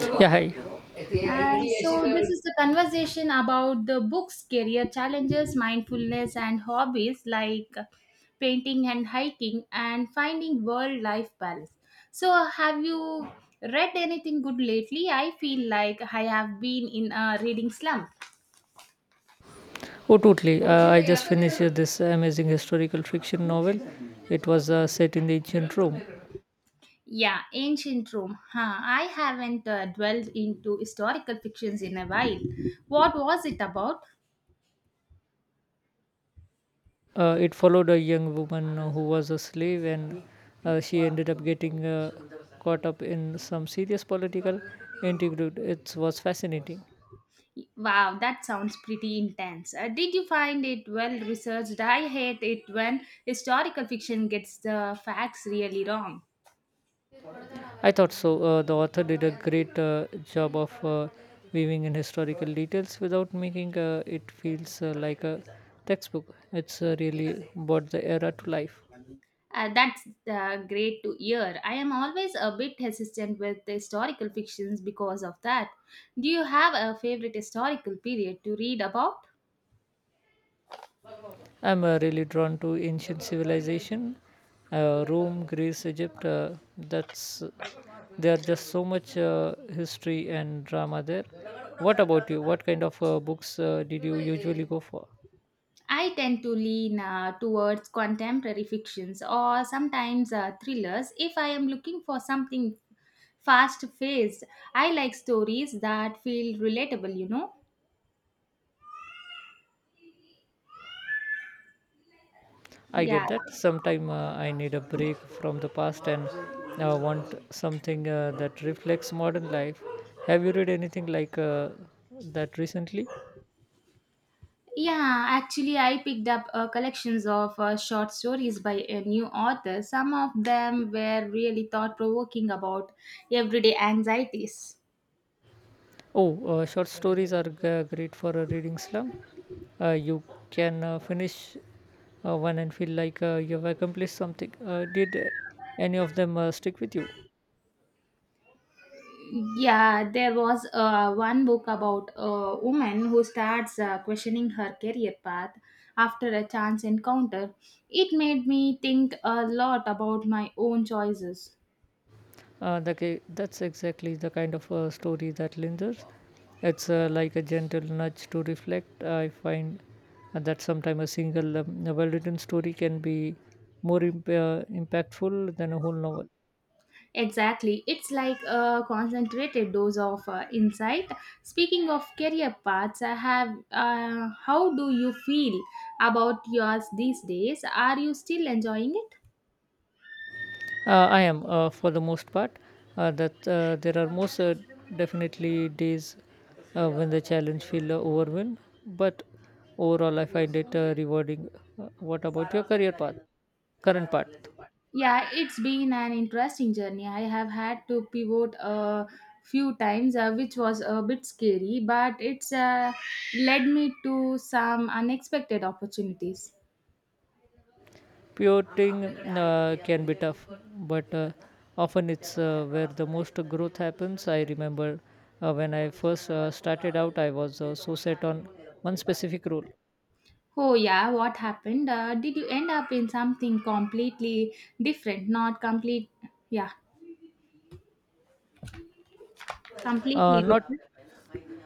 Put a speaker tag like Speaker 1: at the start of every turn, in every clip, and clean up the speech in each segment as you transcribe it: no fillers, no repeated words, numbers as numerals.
Speaker 1: Yeah, hi.
Speaker 2: So this is the conversation about the books, career challenges, mindfulness, and hobbies like painting and hiking, and finding world life balance. So, have you read anything good lately? I feel like I have been in a reading slump.
Speaker 1: Oh, totally. I just finished this amazing historical fiction novel. It was set in the ancient Rome.
Speaker 2: Yeah, ancient Rome. Huh. I haven't dwelled into historical fictions in a while. What was it about?
Speaker 1: It followed a young woman who was a slave and she ended up getting caught up in some serious political intrigue. It was fascinating.
Speaker 2: Wow, that sounds pretty intense. Did you find it well researched? I hate it when historical fiction gets the facts really wrong.
Speaker 1: I thought so. The author did a great job of weaving in historical details without making it feels like a textbook. It's really brought the era to life.
Speaker 2: That's great to hear. I am always a bit hesitant with historical fictions because of that. Do you have a favorite historical period to read about?
Speaker 1: I'm really drawn to ancient civilization, Rome, Greece, Egypt. That's There are just so much history and drama there. What about you? What kind of books did you usually go for?
Speaker 2: I tend to lean towards contemporary fictions or sometimes thrillers if I am looking for something fast paced. I like stories that feel relatable, you know?
Speaker 1: I
Speaker 2: Yeah.
Speaker 1: get that. Sometime I need a break from the past and want something that reflects modern life. Have you read anything like that recently?
Speaker 2: Yeah, actually, I picked up collections of short stories by a new author. Some of them were really thought provoking about everyday anxieties.
Speaker 1: Oh, short stories are g- great for a reading slump. You can finish one and feel like you have accomplished something. Did any of them stick with you?
Speaker 2: Yeah, there was one book about a woman who starts questioning her career path after a chance encounter. It made me think a lot about my own choices.
Speaker 1: That's exactly the kind of story that lingers. It's like a gentle nudge to reflect. I find that sometimes a single well written story can be impactful than a whole novel.
Speaker 2: Exactly, it's like a concentrated dose of insight. Speaking of career paths, I have. How do you feel about yours these days? Are you still enjoying it?
Speaker 1: I am, for the most part. That There are most definitely days when the challenge feel overwhelmed, but overall I find it rewarding. What about your career path? Current path?
Speaker 2: Yeah, it's been an interesting journey. I have had to pivot a few times, which was a bit scary, but it's led me to some unexpected opportunities.
Speaker 1: Pivoting can be tough, but often it's where the most growth happens. I remember when I first started out, I was so set on one specific role,
Speaker 2: Oh, yeah, what happened? Did you end up in something completely different? Not complete, yeah,
Speaker 1: uh,
Speaker 2: completely
Speaker 1: not
Speaker 2: different.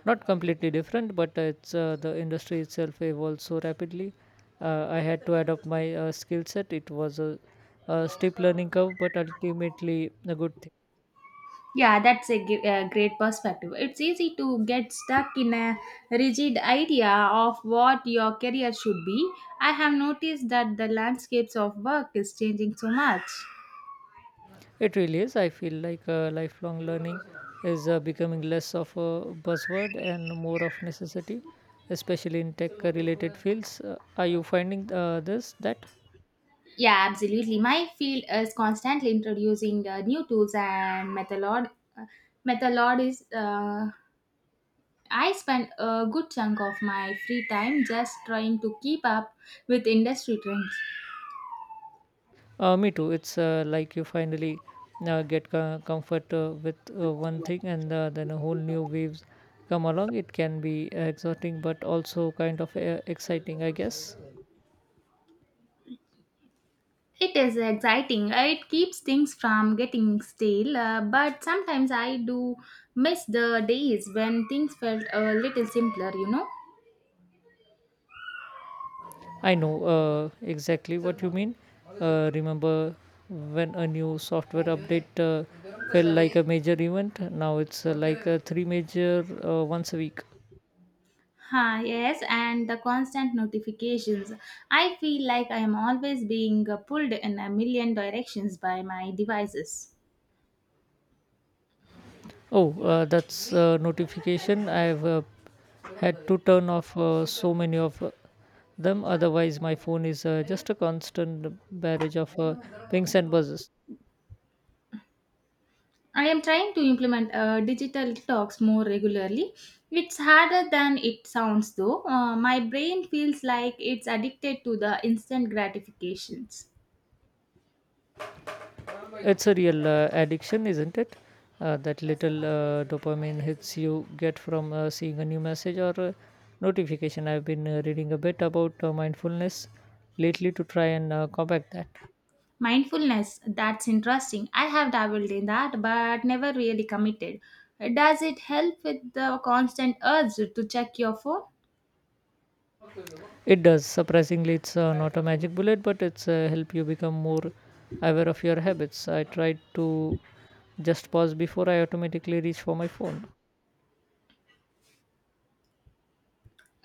Speaker 1: Not completely different, but it's the industry itself evolved so rapidly. I had to adopt my skill set. It was a steep learning curve, but ultimately a good thing.
Speaker 2: Yeah, that's a, a great perspective. It's easy to get stuck in a rigid idea of what your career should be. I have noticed that the landscapes of work is changing so much.
Speaker 1: It really is. I feel like lifelong learning is becoming less of a buzzword and more of necessity, especially in tech-related fields. Are you finding this that?
Speaker 2: Yeah, absolutely. My field is constantly introducing new tools and uh, methodologies. I spend a good chunk of my free time just trying to keep up with industry trends.
Speaker 1: Me too. It's like you finally comfort with one thing, and then a whole new waves come along. It can be exhausting, but also kind of exciting, I guess.
Speaker 2: It is exciting. It keeps things from getting stale, but sometimes I do miss the days when things felt a little simpler, you know?
Speaker 1: I know exactly what you mean. Remember when a new software update felt like a major event? Now it's like three major once a week.
Speaker 2: Ah, yes, and the constant notifications. I feel like I am always being pulled in a million directions by my devices.
Speaker 1: Oh, that's notification. I've had to turn off so many of them otherwise my phone is just a constant barrage of pings and buzzes.
Speaker 2: I am trying to implement digital detox more regularly. It's harder than it sounds though. My brain feels like it's addicted to the instant gratifications.
Speaker 1: It's a real addiction, isn't it? That little dopamine hits you get from seeing a new message or notification. I've been reading a bit about mindfulness lately to try and combat that.
Speaker 2: Mindfulness, that's interesting. I have dabbled in that but never really committed. Does it help with the constant urge to check your phone?
Speaker 1: It does, surprisingly. It's not a magic bullet, but it's help you become more aware of your habits. I tried to just pause before I automatically reach for my phone.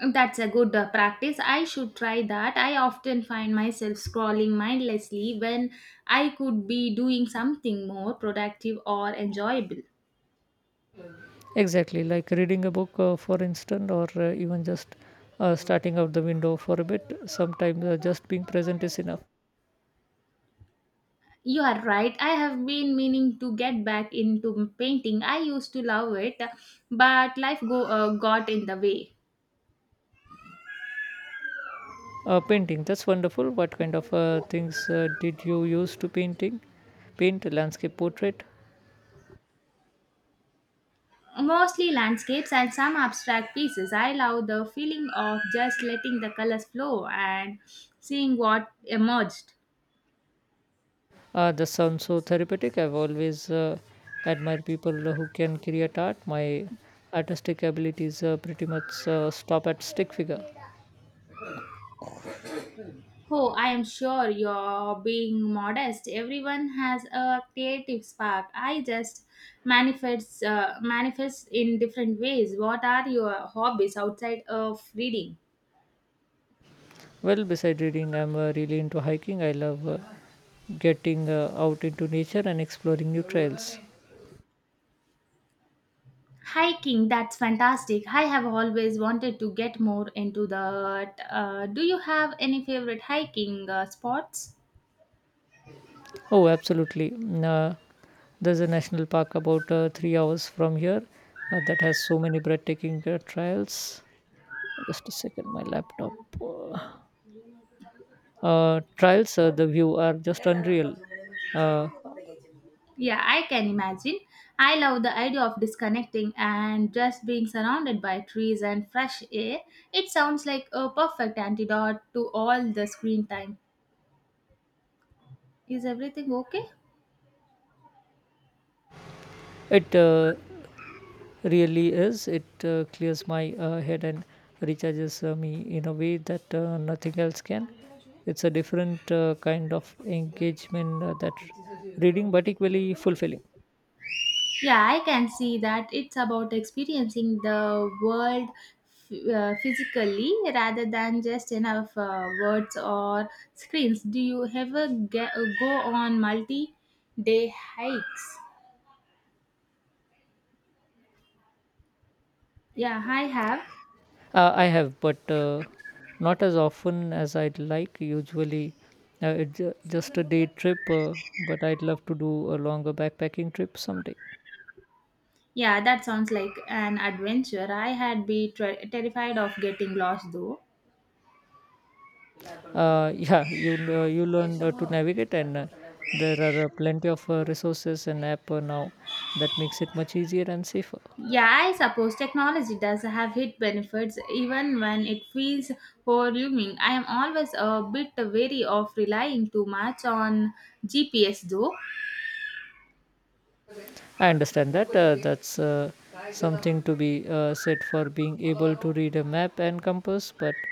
Speaker 2: That's a good practice. I should try that. I often find myself scrolling mindlessly when I could be doing something more productive or enjoyable.
Speaker 1: Exactly, like reading a book, for instance, or even just starting out the window for a bit. Sometimes just being present is enough.
Speaker 2: You are right. I have been meaning to get back into painting. I used to love it, but got in the way.
Speaker 1: Painting, that's wonderful. What kind of things did you use to painting? Paint, landscape, portrait.
Speaker 2: Mostly landscapes and some abstract pieces. I love the feeling of just letting the colors flow and seeing what emerged.
Speaker 1: That sounds so therapeutic. I've always admired people who can create art. My artistic abilities pretty much stop at stick figure.
Speaker 2: Oh, I am sure you're being modest. Everyone has a creative spark. I just manifests in different ways. What are your hobbies outside of reading?
Speaker 1: Well, beside reading, I'm really into hiking. I love getting out into nature and exploring new trails.
Speaker 2: Hiking, that's fantastic. I have always wanted to get more into that. Do you have any favorite hiking spots?
Speaker 1: Oh, absolutely. Mm. There's a national park about 3 hours from here that has so many breathtaking trails. Just a second, my laptop. Uh, Trials, the view are just unreal. Uh,
Speaker 2: Yeah, I can imagine. I love the idea of disconnecting and just being surrounded by trees and fresh air. It sounds like a perfect antidote to all the screen time. Is everything okay?
Speaker 1: it really is. It clears my head and recharges me in a way that nothing else can. It's a different kind of engagement that reading, but equally fulfilling.
Speaker 2: Yeah, I can see that it's about experiencing the world physically rather than just enough words or screens. Do you ever get, go on multi day hikes? Yeah, I have.
Speaker 1: I have, but not as often as I'd like. Usually, just a day trip, but I'd love to do a longer backpacking trip someday.
Speaker 2: Yeah, that sounds like an adventure. I had be terrified of getting lost though.
Speaker 1: Yeah, you you learn to navigate, and there are plenty of resources and app now that makes it much easier and safer.
Speaker 2: Yeah, I suppose technology does have hit benefits even when it feels overwhelming. I am always a bit wary of relying too much on GPS though.
Speaker 1: I understand that. That's something to be said for being able to read a map and compass, but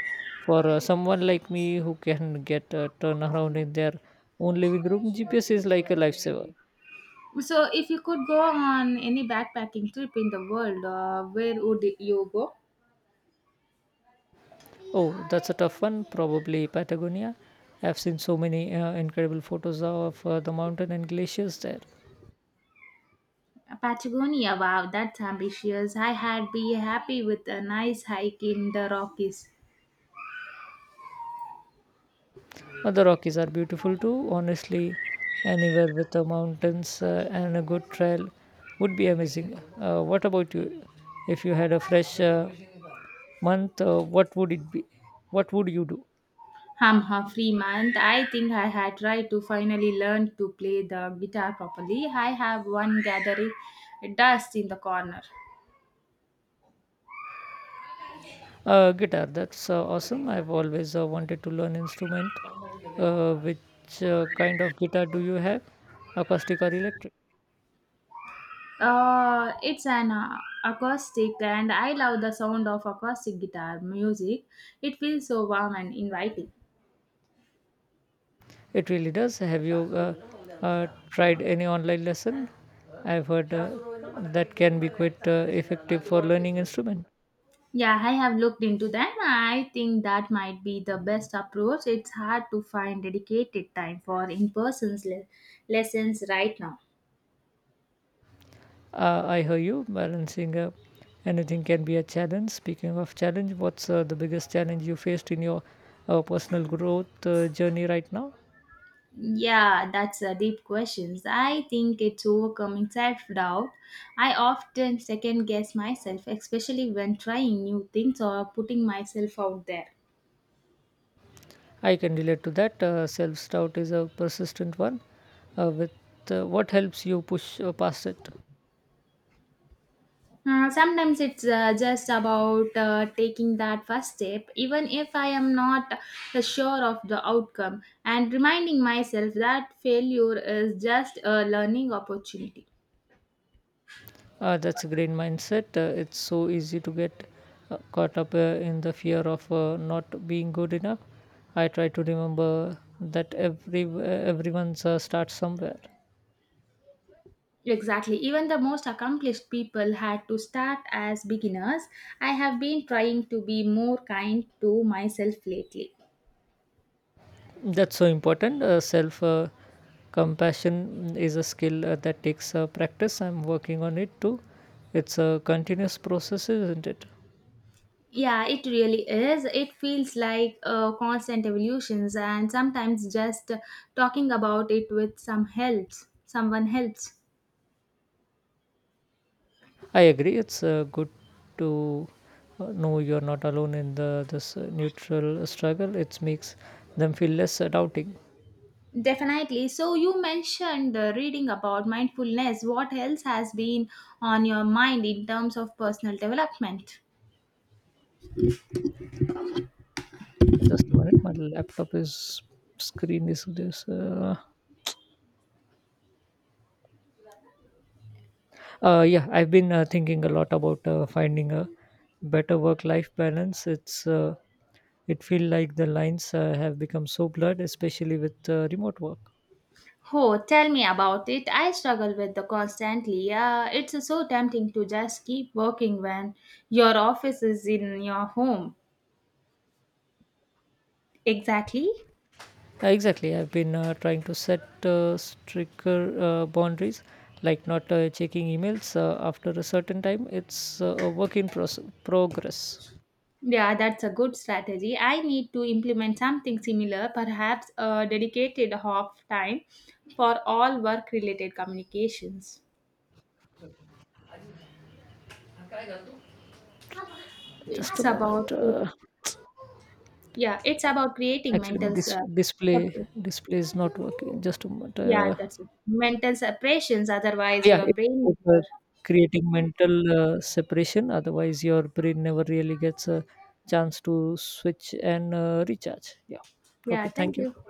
Speaker 1: for someone like me who can get a turnaround in their own living room, GPS is like a lifesaver.
Speaker 2: So, if you could go on any backpacking trip in the world, where would you go?
Speaker 1: Oh, that's a tough one. Probably Patagonia. I've seen so many incredible photos of the mountain and glaciers there.
Speaker 2: Patagonia, wow, that's ambitious. I had be happy with a nice hike in the Rockies.
Speaker 1: But the Rockies are beautiful too. Honestly, anywhere with the mountains and a good trail would be amazing. What about you? If you had a fresh month, what would it be? What would you do?
Speaker 2: I'm Humphrey Month. I think I had tried to finally learn to play the guitar properly. I have one gathering dust in the corner.
Speaker 1: Guitar. That's awesome. I've always wanted to learn instrument. Which kind of guitar do you have? Acoustic or electric?
Speaker 2: It's an acoustic, and I love the sound of acoustic guitar music. It feels so warm and inviting.
Speaker 1: It really does. Have you tried any online lesson? I've heard that can be quite effective for learning instrument.
Speaker 2: Yeah, I have looked into them. I think that might be the best approach. It's hard to find dedicated time for in person lessons right now.
Speaker 1: I hear you, balancing anything can be a challenge. Speaking of challenge, what's the biggest challenge you faced in your personal growth journey right now?
Speaker 2: Yeah, that's a deep question. I think it's overcoming self doubt. I often second guess myself, especially when trying new things or putting myself out there.
Speaker 1: I can relate to that. Self doubt is a persistent one. With What helps you push past it?
Speaker 2: Sometimes it's just about taking that first step, even if I am not sure of the outcome, and reminding myself that failure is just a learning opportunity.
Speaker 1: That's a great mindset. It's so easy to get caught up in the fear of not being good enough. I try to remember that everyone's starts somewhere.
Speaker 2: Exactly. Even the most accomplished people had to start as beginners. I have been trying to be more kind to myself lately.
Speaker 1: That's so important. Self compassion is a skill that takes practice. I'm working on it too. It's a continuous process, isn't it?
Speaker 2: Yeah, it really is. It feels like constant evolutions, and sometimes just talking about it with some helps. Someone helps.
Speaker 1: I agree. It's good to know you're not alone in the this neutral struggle. It makes them feel less doubting.
Speaker 2: Definitely. So you mentioned reading about mindfulness. What else has been on your mind in terms of personal development?
Speaker 1: Just a minute, my laptop is screen is this. Yeah, I've been thinking a lot about finding a better work-life balance. It's it feel like the lines have become so blurred, especially with remote work.
Speaker 2: Oh, tell me about it. I struggle with the constantly. It's so tempting to just keep working when your office is in your home. Exactly.
Speaker 1: Exactly, I've been trying to set stricter boundaries, like not checking emails after a certain time. It's a progress.
Speaker 2: Yeah, that's a good strategy. I need to implement something similar, perhaps a dedicated half time for all work related communications.
Speaker 1: Just
Speaker 2: It's
Speaker 1: a
Speaker 2: about
Speaker 1: moment.
Speaker 2: yeah, it's about creating
Speaker 1: Actually, my
Speaker 2: mental
Speaker 1: display
Speaker 2: separation.
Speaker 1: display is not working. Just a moment.
Speaker 2: Yeah, that's it. Mental separations otherwise
Speaker 1: Yeah,
Speaker 2: your
Speaker 1: it's
Speaker 2: brain
Speaker 1: about,
Speaker 2: never.
Speaker 1: creating mental separation. Otherwise, your brain never really gets a chance to switch and recharge. Yeah.
Speaker 2: Yeah,
Speaker 1: Okay.
Speaker 2: thank
Speaker 1: Thank
Speaker 2: you.
Speaker 1: you.